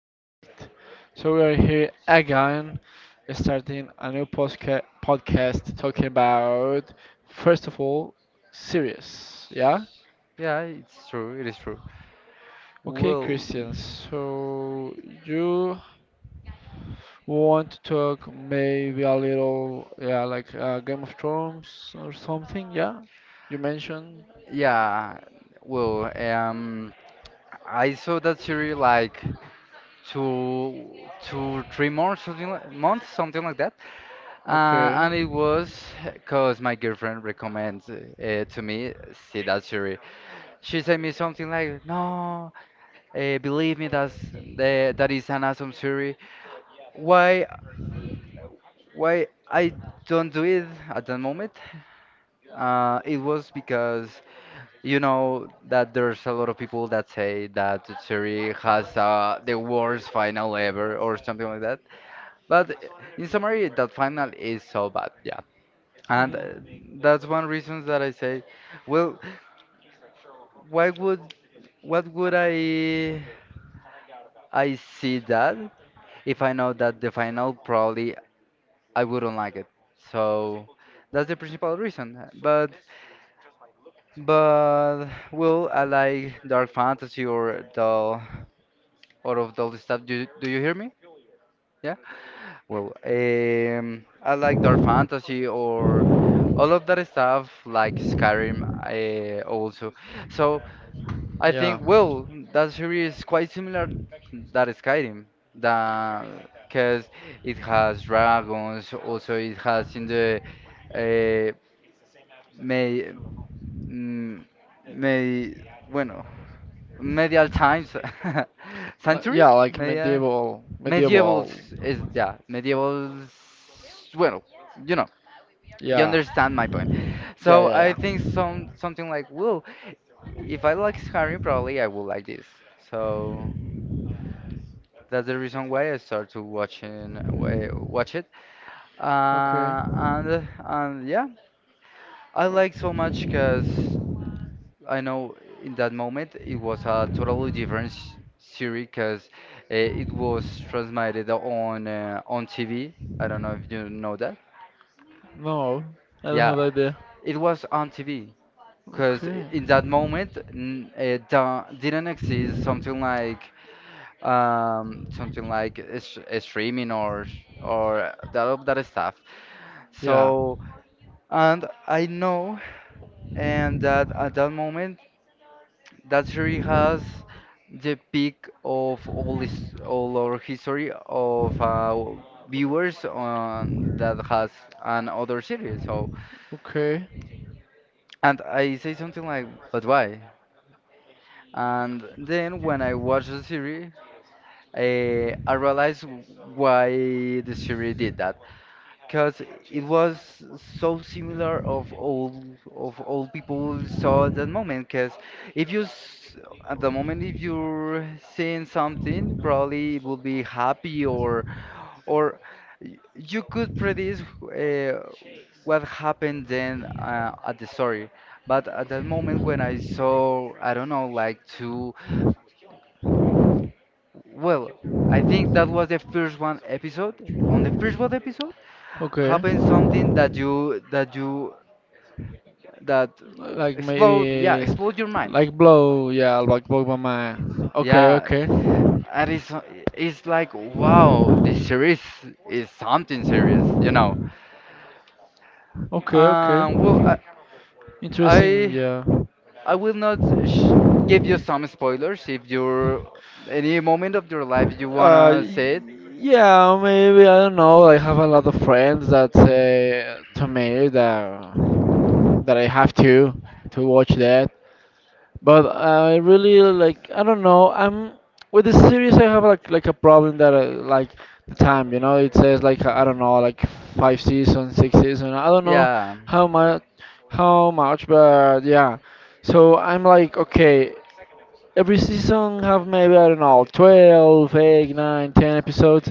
perfect. So we are here again, starting a new podcast talking about, first of all, series. Yeah? yeah, it's true. It is true. Okay, Well, Christian. So you want to talk maybe a little, yeah, like Game of Thrones or something? Yeah? You mentioned? yeah. Well, I saw that series like two, two, 3 months, something like, months, something like that. Okay. And it was because my girlfriend recommends to me see that series. She sent me something like, "No, believe me, that is an awesome series. Why, why I don't do it at that moment?" It was because. You know that there's a lot of people that say that Serie has the worst final ever or something like that. But in summary, that final is so bad, yeah. And Mhm. that's one reason that I say, well, why would what would I see that if I know that the final probably I wouldn't like it. So that's the principal reason. But well, I like dark fantasy or the out of all the stuff. Do you hear me? Yeah. Well, I like dark fantasy or all of that stuff, like Skyrim, also. So I think, well, that series is Yeah. quite similar that Skyrim, because it has dragons. Also, it has in the uh, may, mm, may, bueno, medieval times, century, Yeah, like media. medieval, Medievals medieval. is yeah, medievals. Well, you know, you Yeah, understand my point. yeah, So I yeah, think yeah. Something like, well, if I like Skyrim, probably I will like this. So that's the reason why I start to watching watch it. Okay. And yeah, I like so much because I know in that moment it was a totally different series because it was transmitted on TV. I don't know if you know that. No, I don't Yeah, have idea. it was on TV because Okay. in that moment it didn't exist something like a streaming or that of that stuff. Yeah. So and I know and that at that moment that series has the peak of all this all our history of viewers on that has another series. So Okay. and I say something like, but why? And then when I watched the series, I realized why the series did that, because it was so similar of all people saw at that moment. Because if you s- at the moment if you're seeing something, probably it would be happy or or you could predict uh, what happened then at the story. But at that moment when I saw, I don't know, like two. Well, I think that was the first one episode. On the first one episode, Okay. happened something that you that Like explode, yeah, maybe, explode your mind. like blow. Yeah, like blow my mind. Okay. Yeah, Okay. and it's like wow, this series is something serious, you know. Okay, okay. Well, I Interesting, I yeah. I will not sh give you some spoilers if you're any moment of your life you Uh, wanna say y- it. yeah, maybe I don't know. I have a lot of friends that say to me that I have to watch that. But I really like I don't know. I'm with the series, I have like a problem that like the time, you know. It says like I don't know, like five seasons, six seasons. I don't know Yeah. how much how much, but yeah. So I'm like, okay, every season have maybe I don't know 12, 8, 9, 10 episodes.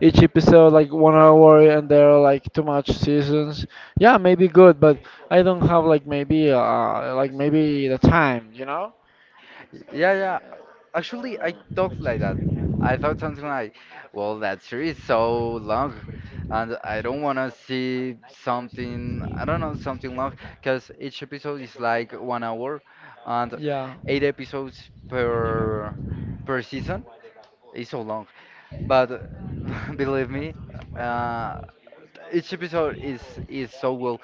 Each episode like 1 hour, and there are like too much seasons. Yeah, maybe good, but I don't have like maybe the time, you know? Yeah, yeah. Actually, I thought like that. I thought something like, well, that series so long, and I don't want to see something, I don't know, something long, because each episode is like 1 hour, and Yeah. eight episodes per season is so long. But believe me, uh, each episode is so well.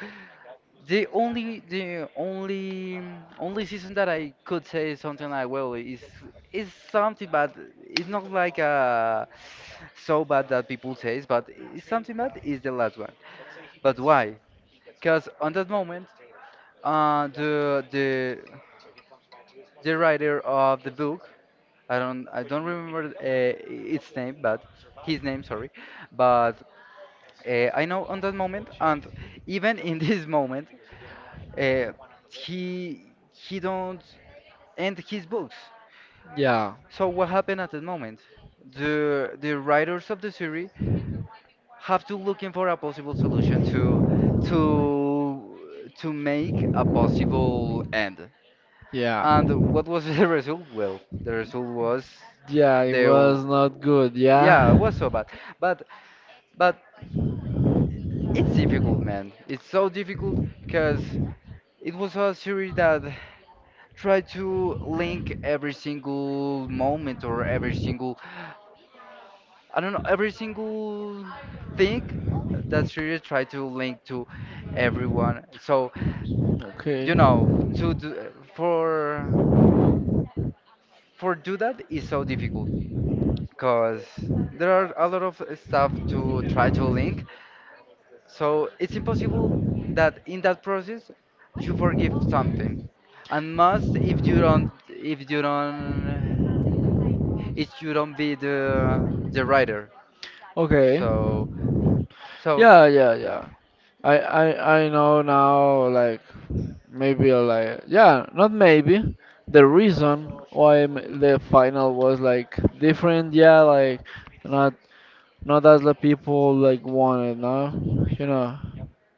The only season that I could say something like well is something bad. It's not like so bad that people says, but it's something bad is the last one. But why? Because on that moment, uh, the the the writer of the book, I don't remember its name, but his name, sorry, but I know on that moment, and even in this moment, uh, he don't. And his books. Yeah. So what happened at that Yeah. moment? The writers of the series have to looking for a possible solution to to make a possible end. And what was the result? Well, the result was Yeah, it the was not good. Yeah. yeah, it was so bad. But but it's difficult, man. It's so difficult because it was a series that tried to link every single moment or every single I don't know, every single thing that series try to link to everyone. So, Okay. you know, to do, for do that is so difficult because there are a lot of stuff to try to link. So it's impossible that in that process you forgive something. And must if you don't if you don't be the writer. Okay. So so Yeah, yeah, yeah. I know now, like, maybe, like, yeah, not maybe. The reason why the final was, like, different, yeah, like, not, not as the people, like, wanted, no? You know?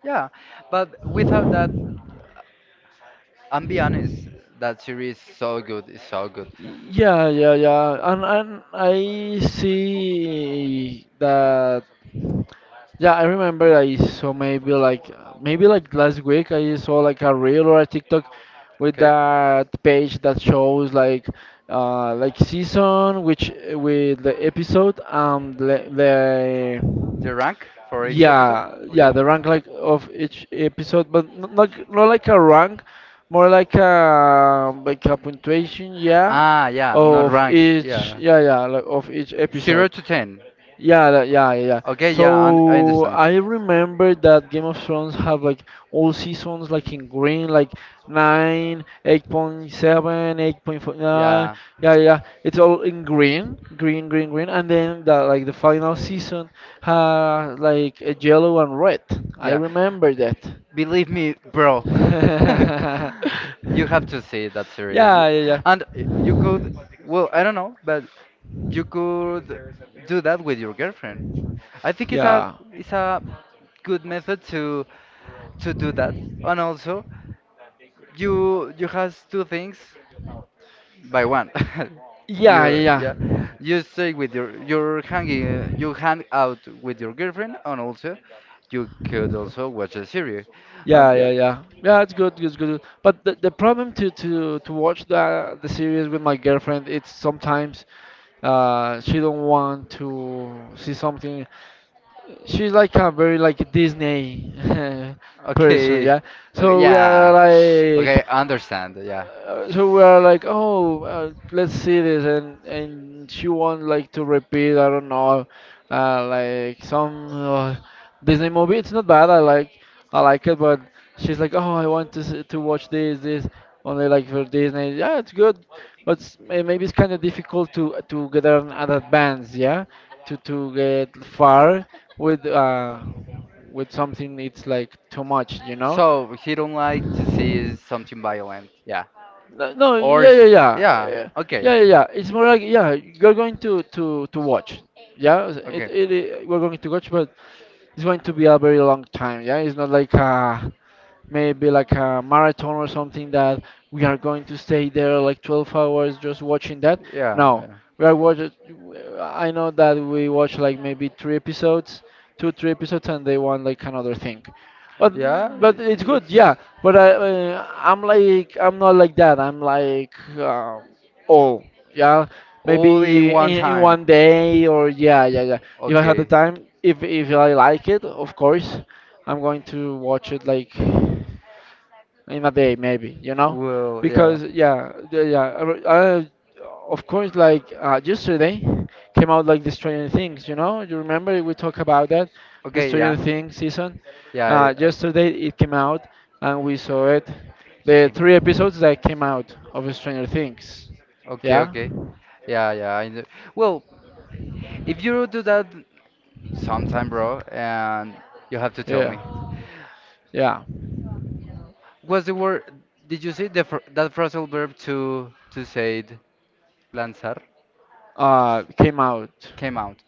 yeah, but without that and be honest, that series is so good, it's so good. Yeah, yeah, yeah. And I see that. Yeah, I remember I saw maybe like last week I saw like a reel or a TikTok with Okay, that page that shows like season which with the episode the the rank for each episode. yeah yeah Okay. the rank like of each episode, but not like a rank, more like a punctuation, yeah, Ah, yeah, not of rank. each Yeah, yeah yeah like of each zero episode to ten. yeah, yeah, yeah, yeah. Okay, yeah, I So understand. I remember that Game of Thrones have like all seasons like in green, like 9, 8.7, yeah, Yeah, yeah, yeah. It's all in green, green, green, green. And then the like the final season had like a yellow and red. I yeah. remember that. Believe me, bro. you have to see that series, Yeah, yeah, and you could. Well, I don't know, but yeah. you could do that with your girlfriend. I think Yeah, it's a good method to do that, and also you has two things by one. yeah, yeah, You yeah, yeah, you stay with your you're hanging you hang out with your girlfriend and also you could also watch a series. yeah, And yeah, yeah, yeah. Yeah, it's good, it's good. But the problem to watch the series with my girlfriend, it's sometimes she don't want to see something. She's like a very like Disney person, okay, yeah. okay So we are yeah, like okay I understand yeah. Oh, let's see this, and she want like to repeat, I don't know, like some Disney movie. It's not bad. I like it, but she's like, oh, I want to to watch this only like for Disney. Yeah, it's good, but maybe it's kind of difficult to get an advance, yeah, to get far with with something. It's like too much, you know. So he don't like to see something violent, yeah. No, no, Or yeah, yeah, yeah, yeah, yeah, okay. okay, Yeah, yeah, yeah. It's more like yeah, you're going to to watch. Yeah, okay. We're going to watch, but it's going to be a very long time. Yeah, it's not like maybe like a marathon or something that we are going to stay there like 12 hours just watching that. Yeah, No, yeah. we are watching. I know that we watch like maybe three episodes, 2, 3 episodes, and they want like another thing, but Yeah, it's good, it's yeah. But I'm like I'm not like that. I'm like all, yeah, all in maybe one in time. one day, or yeah yeah yeah, if I had the Okay. time, if I like it, of course I'm going to watch it like in a day maybe, you know. Well, yeah. Because yeah yeah, of course like yesterday came out like the Stranger Things. You know you remember we talked about that, the Okay, Stranger yeah. Things season. Yeah. Yesterday it came out, and we saw it, the Came three out. episodes that came out of Stranger Things. Okay, Yeah okay. Yeah, yeah. I know. Well, if you do that sometime, bro, and you have to tell yeah me. yeah, What's the word? Did you see the fr that phrasal verb to say it, lanzar came out, came out?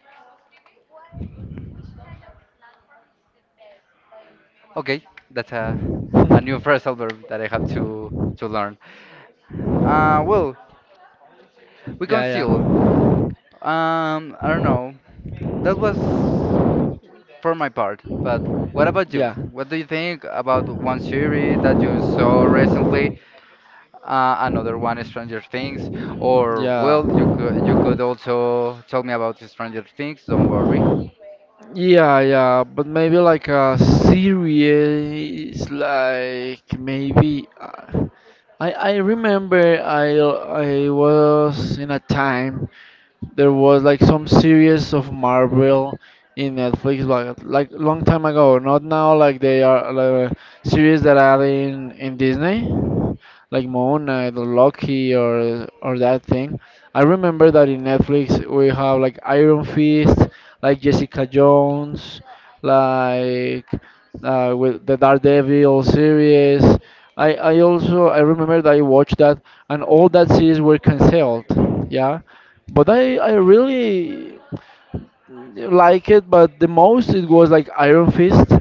Okay, that's a new phrasal verb that I have to learn. Well, we can yeah still. yeah. I don't know. That was for my part, but what about you? Yeah. What do you think about one series that you saw recently? Another one, Stranger Things, or Yeah. well, you could also tell me about Stranger Things. Don't worry. Yeah, yeah, but maybe like a series, like maybe I remember I was in a time there was like some series of Marvel in Netflix, but like long time ago. Not now, like they are like series that are in Disney, like Moon Knight or Loki or that thing. I remember that in Netflix we have like Iron Fist, like Jessica Jones, like with the Daredevil series. I also I remember that I watched that, and all that series were cancelled. Yeah, but I really like it, but the most it was like Iron Fist.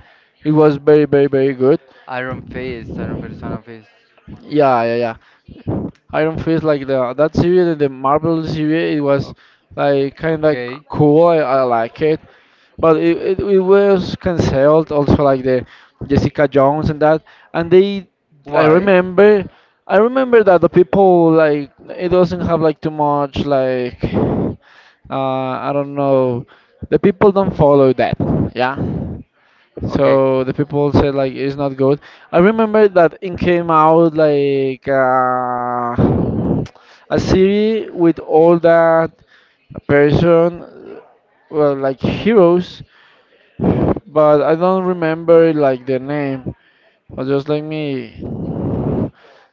It was very, very, very good. Iron Fist, Iron Fist, Iron Fist. Yeah, yeah, yeah. Iron Fist, like the that series, the Marvel series, it was O- like kind of Okay. cool. I like it. But it was cancelled also, like the Jessica Jones and that. And they, I Why? remember, I remember that the people like it doesn't have like too much like I don't know, the people don't follow that, yeah. Okay. So the people said like it's not good. I remember that it came out like a series with all that person, well, like heroes, but I don't remember like the name. But just like me,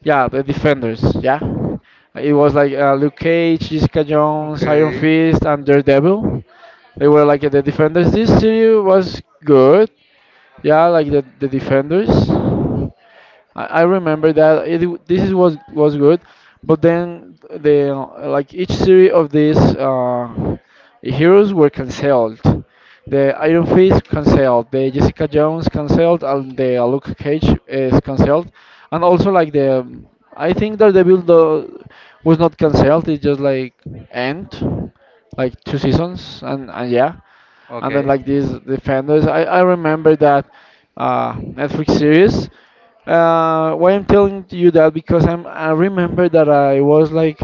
yeah, the Defenders, yeah. It was like Luke Cage, Jessica Jones, Iron Okay. Fist, and Daredevil. They were like the Defenders. This series was good, yeah, like the Defenders. I remember that this is was good, but then the like each series of these heroes were cancelled. The Iron Fist cancelled, the Jessica Jones cancelled, and the Luke Cage is cancelled, and also like the I think Daredevil though was not cancelled. It just like end, like two seasons, and yeah, and then Okay. like these Defenders. I remember that Netflix series. Why I'm telling you that? Because I remember that I was like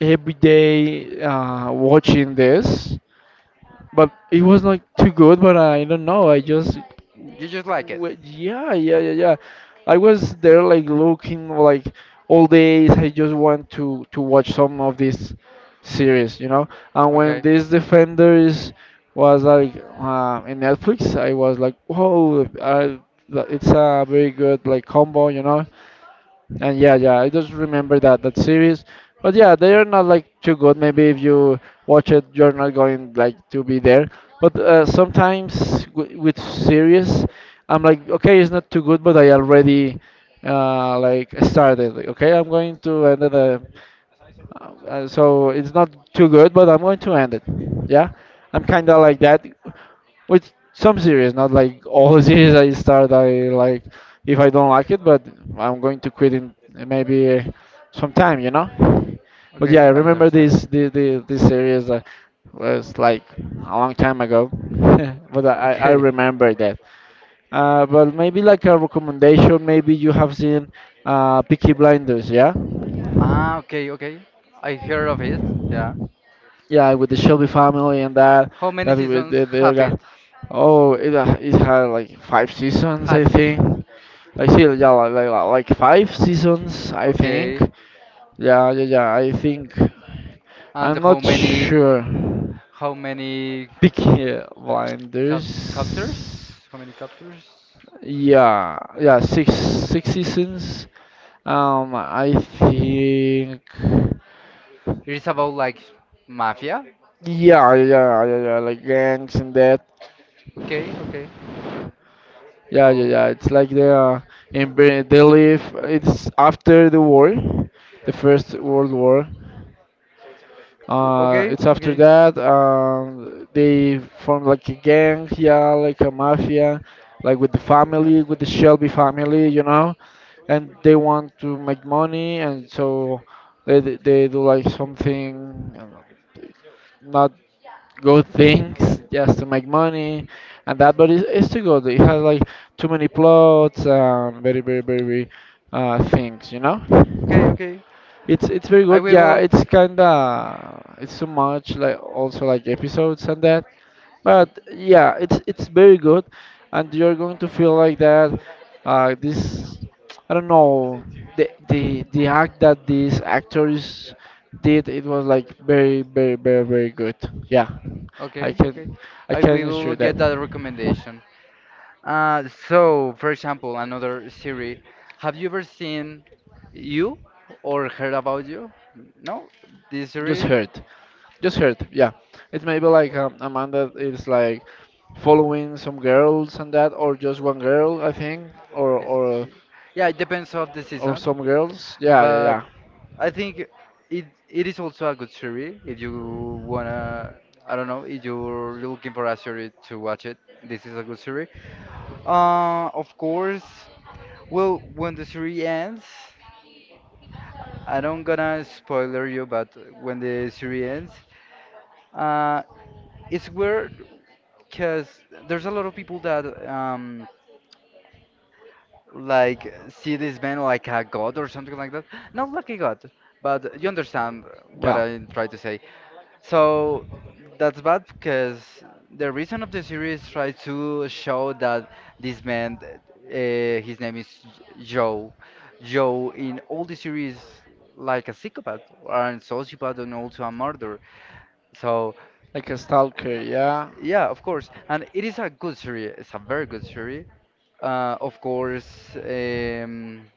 every day watching this, but it was not too good. But I don't know. I just, You just like it. Yeah, yeah, yeah, yeah. I was there like looking like all days. I just want to watch some of this series, you know. And when Okay. this Defenders was like in Netflix, I was like, whoa, I, it's a very good like combo, you know. And yeah, yeah, I just remember that that series. But yeah, they are not like too good. Maybe if you watch it, you're not going like to be there. But sometimes with series, I'm like, okay, it's not too good, but I already like started. Like, okay, I'm going to end it. So it's not too good, but I'm going to end it. Yeah, I'm kind of like that. With some series, not like all series I start, I like if I don't like it, but I'm going to quit in maybe some time, you know. But yeah, Okay, I I remember understand. this the this series that was like a long time ago, but I Okay. remember that. But maybe like a recommendation, maybe you have seen Peaky Blinders, yeah? Ah, okay, okay. I heard of it. Yeah. Yeah, with the Shelby family and that, How many that with seasons the other have it? guy. Oh, it had like five seasons, I Has it? think. I see, yeah, like, like five seasons, I think. Okay. Yeah, yeah, yeah, I think. And I'm how not many sure. how many Peaky cap captors? Blinders. How many captors? Yeah, yeah, six, six seasons. I think. It is about like mafia? Yeah, yeah, yeah, yeah, yeah, like gangs and that. Okay, okay. Yeah, yeah, Whoa. yeah. It's like they are in they live. It's after the war, the First World War. Okay, It's after okay. that they form like a gang, yeah, like a mafia, like with the family, with the Shelby family, you know, and they want to make money, and so they they do like something not good things just to make money and that, but it's too good. It has like too many plots and very very very things, you know. Okay, okay. It's very I good. will Yeah, go it's kinda it's so much like also like episodes and that. o- But yeah, it's very good, and you're going to feel like that. This I don't know the act that these actors did. It was like very very very very good. Yeah, I okay, okay. can I I can will assure that. get that recommendation. So, for example, another series. Have you ever seen You or heard about You? No, this Just series. hurt, yeah, it's maybe like a man that is like following some girls and that, or just one girl I think, Yeah, yeah, it depends of the or season, some girls, yeah yeah but yeah, I think it is also a good series if you wanna. I don't know if you're looking for a series to watch it. This is a good series. Of course. Well, when the series ends. I don't gonna spoiler you, but when the series ends, uh, it's weird because there's a lot of people that like see this man like a god or something like that. Not like a god, but you understand what yeah, I try to say. So that's bad because the reason of the series try to show that this man, his name is Joe. Joe in all the series like a psychopath or a sociopath and also a murderer. So like a stalker, yeah. yeah, of course, and it is a good series. It's a very good series. Of course, um,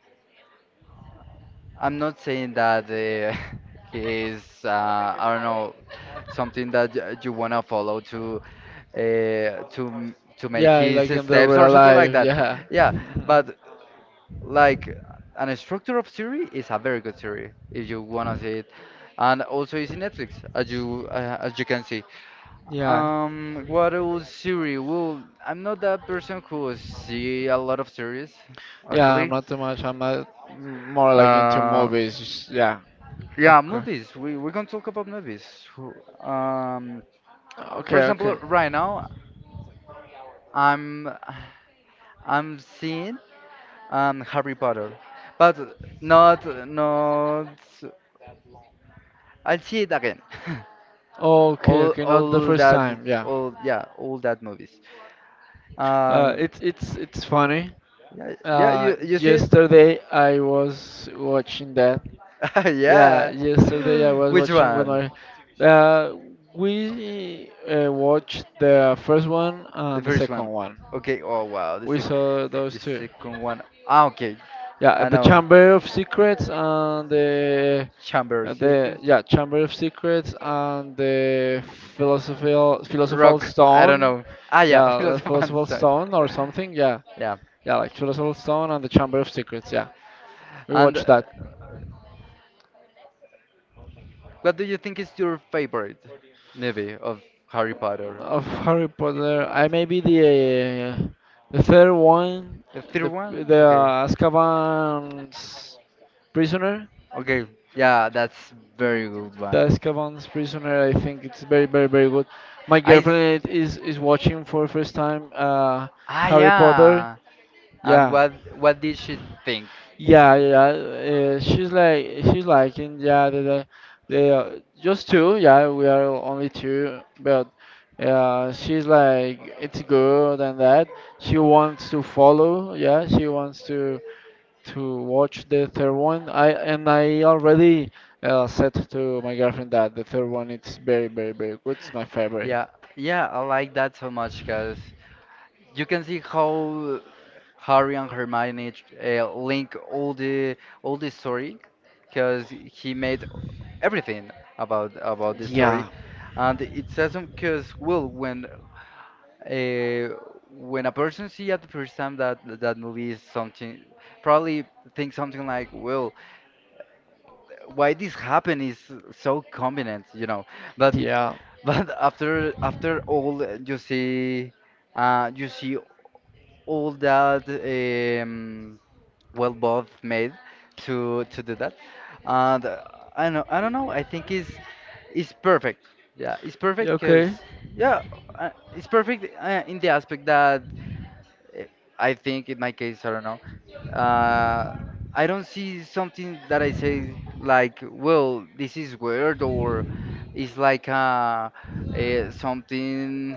I'm not saying that he is. I don't know something that you wanna follow uh, to to make Yeah, his like in the steps or real something like life, that. yeah. Yeah, Mhm. but like an structure of series is a very good series if you wanna see it, and also it's in Netflix as you can see. Yeah. What old series? Well, I'm not that person who see a lot of series, Yeah, I'm actually. not too much. I'm not more like into Uh, movies. Just— yeah, yeah, okay. movies. We can talk about movies. Who- Um, Okay, for okay. example, right now I'm I'm seeing Harry Potter, but not. I'll see it again. Okay, all okay. Not the all first that time. Yeah. all yeah all that movies. Uh, It's funny. yeah you see it Yesterday I was watching that. Yeah, yeah. yesterday I was Which watching with one? my. Uh, we watched the first one The and the first second one. one. Okay. Oh wow. We saw those The two. second one. Ah, okay. Yeah, I the know. Chamber of Secrets and the Chamber of Secrets. Chamber of Secrets and the philosophical Rock. I don't stone. know. Ah, yeah. Yeah, the Philosopher and philosophical Stone. stone or something. Yeah, Yeah. yeah, like Philosopher's Stone and the Chamber of Secrets. Yeah, we And watched that. what do you think is your favorite movie of Harry Potter? Of Harry Potter, I may be uh, the third one, The third the one? the Okay. uh, Azkaban's prisoner. Okay. Yeah, that's very good one. The Azkaban's prisoner. I think it's very very good. My I s- girlfriend is watching for first time Ah, Harry Potter, yeah. And yeah. What did she think? Yeah, yeah, yeah. She's like she's liking yeah the just two. Yeah, we are only two, but she's like it's good and that she wants to follow. Yeah, she wants to watch the third one. I and I already said to my girlfriend that the third one it's very very good. It's my favorite. Yeah, yeah, I like that so much because you can see how Harry and Hermione link all the story because he made everything about the story, Yeah, and it's awesome because well uh, when a person see at the first time that movie is something probably think something like well why this happened is so convenient, you know. But but after all, you see all that well both made to do that. And I don't know. I think it's perfect. Yeah, it's perfect because okay. yeah, it's perfect in the aspect that eh, I think in my case, I don't know. Uh, I don't see something that I say like, well, this is weird or it's like something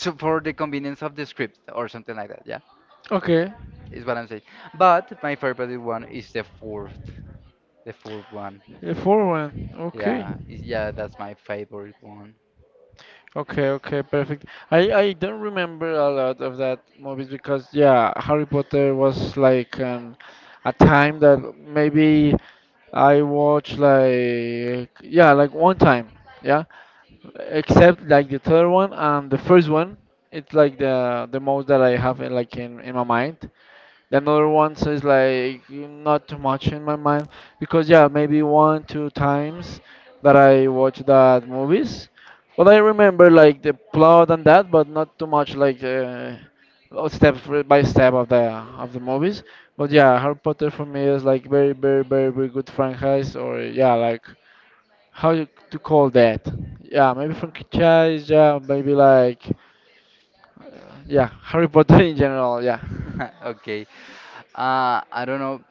for the convenience of the script or something like that. Yeah, Okay. is what I'm saying. But my favorite one is the fourth one. The four one. Okay. Yeah, that's my favorite one. Okay, okay, perfect. I don't remember a lot of that movies because yeah, Harry Potter was like an a time that maybe I watched like yeah, like one time, yeah. Except like the third one and the first one, it's like the most that I have in, like in my mind. The other ones is like not too much in my mind because yeah, maybe one two times that I watch that movies, but I remember like the plot and that, but not too much like step by step of the movies. But yeah, Harry Potter for me is like very very very good franchise or yeah like how you to call that? Yeah, maybe franchise. Yeah, maybe like yeah Harry Potter in general. Yeah. Okay. I don't know.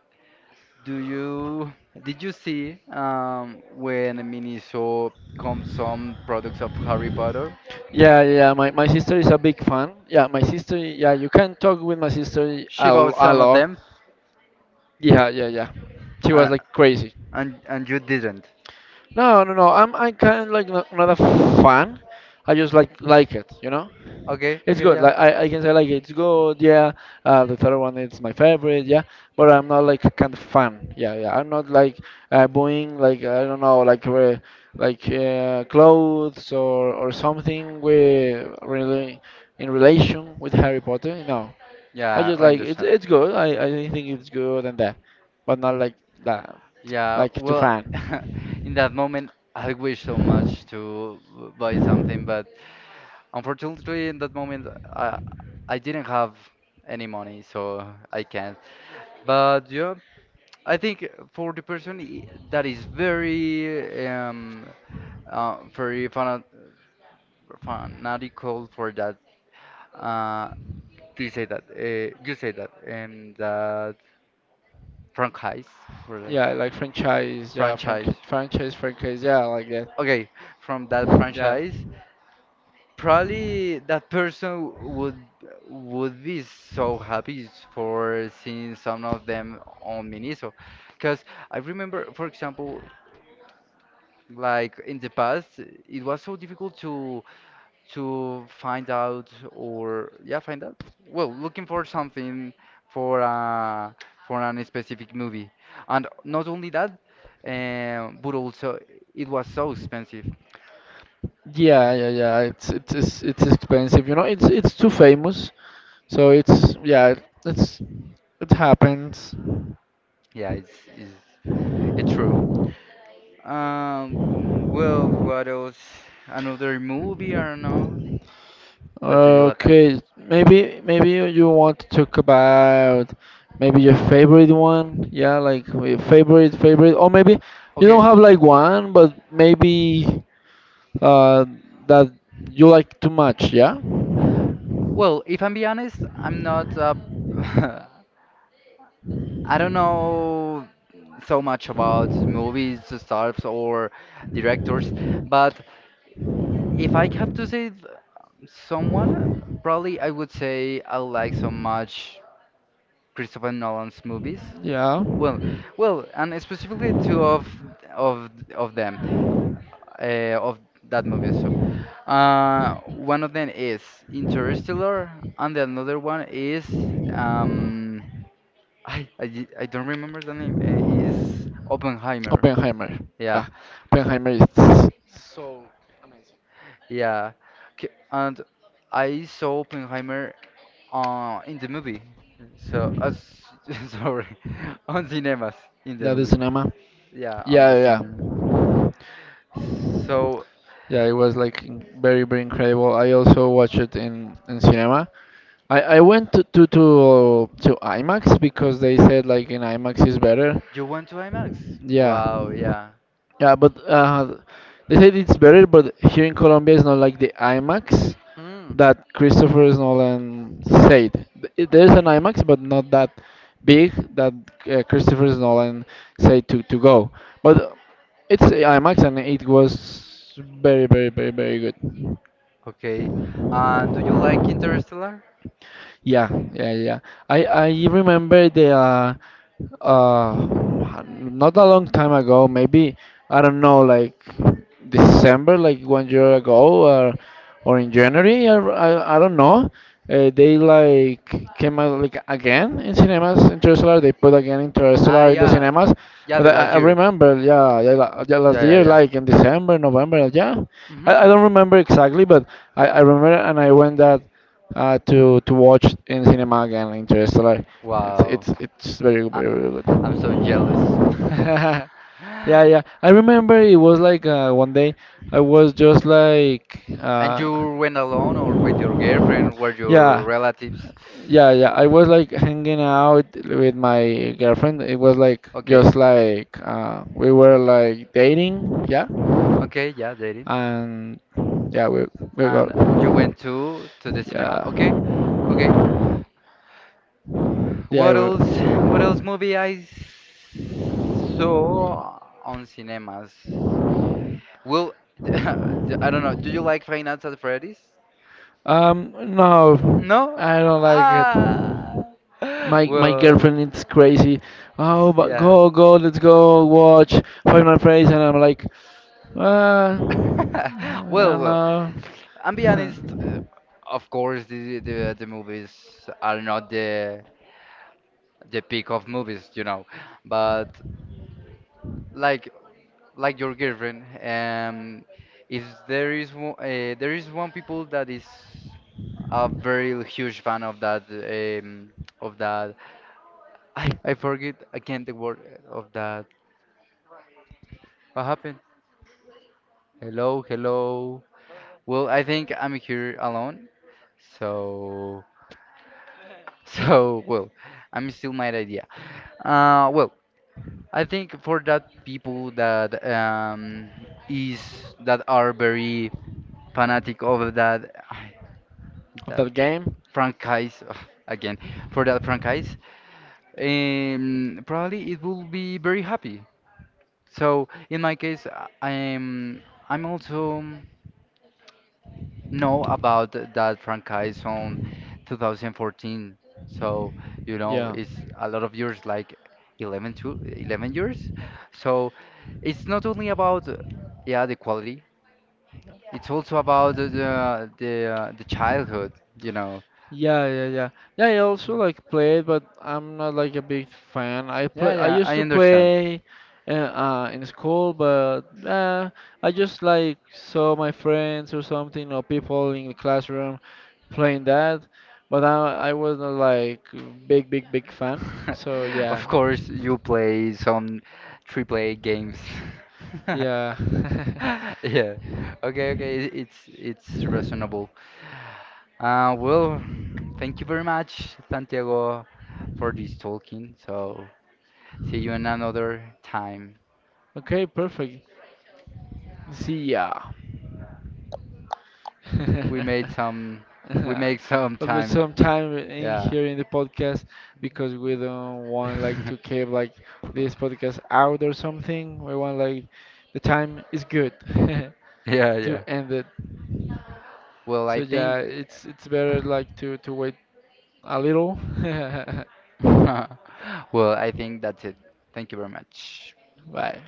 Do you did you see when Miniso comes some products of Harry Potter? Yeah, yeah, yeah. My sister is a big fan. Yeah, my sister, yeah, you can talk with my sister She bought a some of lot. them, Yeah, yeah, yeah. She uh, was like crazy. and you didn't. No, no, no. I kind of like not a fan. I just like it, you know. Okay, It's okay, good. yeah, Like I can say like it's good. Yeah. The third one is my favorite. Yeah. But I'm not like kind of fan. Yeah. Yeah. I'm not like buying like I don't know like clothes or something with really in relation with Harry Potter. No. I yeah, just I like understand. it's good. I think it's good and that, but not like that. Yeah, Like to well, fan. in that moment, I wish so much to buy something, but unfortunately, in that moment, I I didn't have any money, so I can't. But yeah, I think for the person that is very very fanatical for that, uh, do you say that? You say that and that franchise, for that Yeah. Like franchise. Yeah. Frank franchise. franchise franchise. Yeah. Like that. Okay, from that Yeah. franchise, probably that person would be so happy for seeing some of them on Miniso, because I remember, for example, like in the past, it was so difficult to find out or yeah find out well looking for something for uh for an specific movie, and not only that but also it was so expensive. Yeah, yeah, yeah. It's it's expensive. You know, it's too famous. So it's yeah, it's it happens. Yeah, it's true. um well, what else, another movie, I don't know, that do you like? Okay, maybe you want to talk about maybe your favorite one. Yeah, like your favorite, or maybe you Okay, don't have like one, but maybe uh that you like too much. Yeah, well, if I'm be honest, I'm not a, I don't know so much about movies, stars, or directors, but if I have to say someone, probably I would say I like so much Christopher Nolan's movies. yeah. Well, well, and specifically two of them, of that movie. So, one of them is Interstellar, and the another one is um, I don't remember the name. Is Oppenheimer. Oppenheimer. Yeah, Yeah, Oppenheimer is yeah. And I saw Oppenheimer in the movie. So, sorry, on cinemas in the that is movie. cinema. Yeah, on Yeah, the yeah. cinema. Yeah, So, yeah, it was like very, very incredible. I also watched it in cinema. I went to IMAX because they said like in IMAX is better. you went to IMAX? Yeah. Wow, yeah. Yeah, but they said it's better, but here in Colombia it's not like the IMAX Hmm. that Christopher Nolan said. There's an IMAX, but not that big that Christopher Nolan said to go. But it's a IMAX and it was very, very, very, very good. Okay. And do you like Interstellar? Yeah, yeah, yeah. I remember the uh, not a long time ago, maybe I don't know, like December, like 1 year ago, or in January, or I don't know. They like came out like again in cinemas Interstellar. They put again Ah, Interstellar in the yeah. cinemas, Yeah, but the last I year. remember, yeah, yeah, last Yeah, yeah, year, yeah. like in December, November, yeah. Hmm. I don't remember exactly, but I remember and I went that to watch in cinema again. Interstellar. It's Wow, it's very good, I very very I'm so good. jealous. Yeah, yeah. I remember it was like one day I was just like And you went alone or with your girlfriend or your yeah. relatives? Yeah, yeah. I was like hanging out with my girlfriend. It was like Okay, just like we were like dating, yeah. okay, yeah, dating. And yeah, we got And you went to the cinema. yeah. Okay, okay. Yeah. I What else? will. What else movie saw on cinemas? Well, I don't know. Do you like Five Nights at Freddy's? No, No? I don't like it. Ah. My Well, girlfriend is crazy. Oh, but yeah. Go, let's go watch Final Phrase, and I'm like, I Well, don't well, know I'm be honest. Of course, the movies are not the peak of movies, you know. But like like your girlfriend, um, if there is one, there is one people that is a very huge fan of that of that. I forget. I can't the word of that. What happened? Hello, hello. Well, I think I'm here alone, so. So, well, I'm still my idea. Well, I think for that people that is that are very fanatic of that of that that game. franchise again for that franchise, probably it will be very happy. So in my case, I'm also. Know about that franchise on 2014. So, you know, Yeah. it's a lot of years, like 11 to 11 years. So, it's not only about, yeah, the quality. It's also about the childhood, you know. Yeah, yeah, yeah. Yeah, I also like play it, but I'm not like a big fan. I Yeah, play. I yeah, used I to understand. play in school, but I just like saw my friends or something or people in the classroom playing that. But I was not like big fan. So yeah, Of course, you play some triple A games. yeah. Yeah. Okay, okay. It's reasonable. Well, thank you very much, Santiago, for this talking. So see you in another time. Okay, perfect. See ya. We made some we make some But there's time. some time in Yeah. here in the podcast because we don't want like to keep like this podcast out or something. We want like the time is good Yeah, to yeah. end it. Well, So I yeah, think it's better like to wait a little. well, I think that's it. Thank you very much. Bye.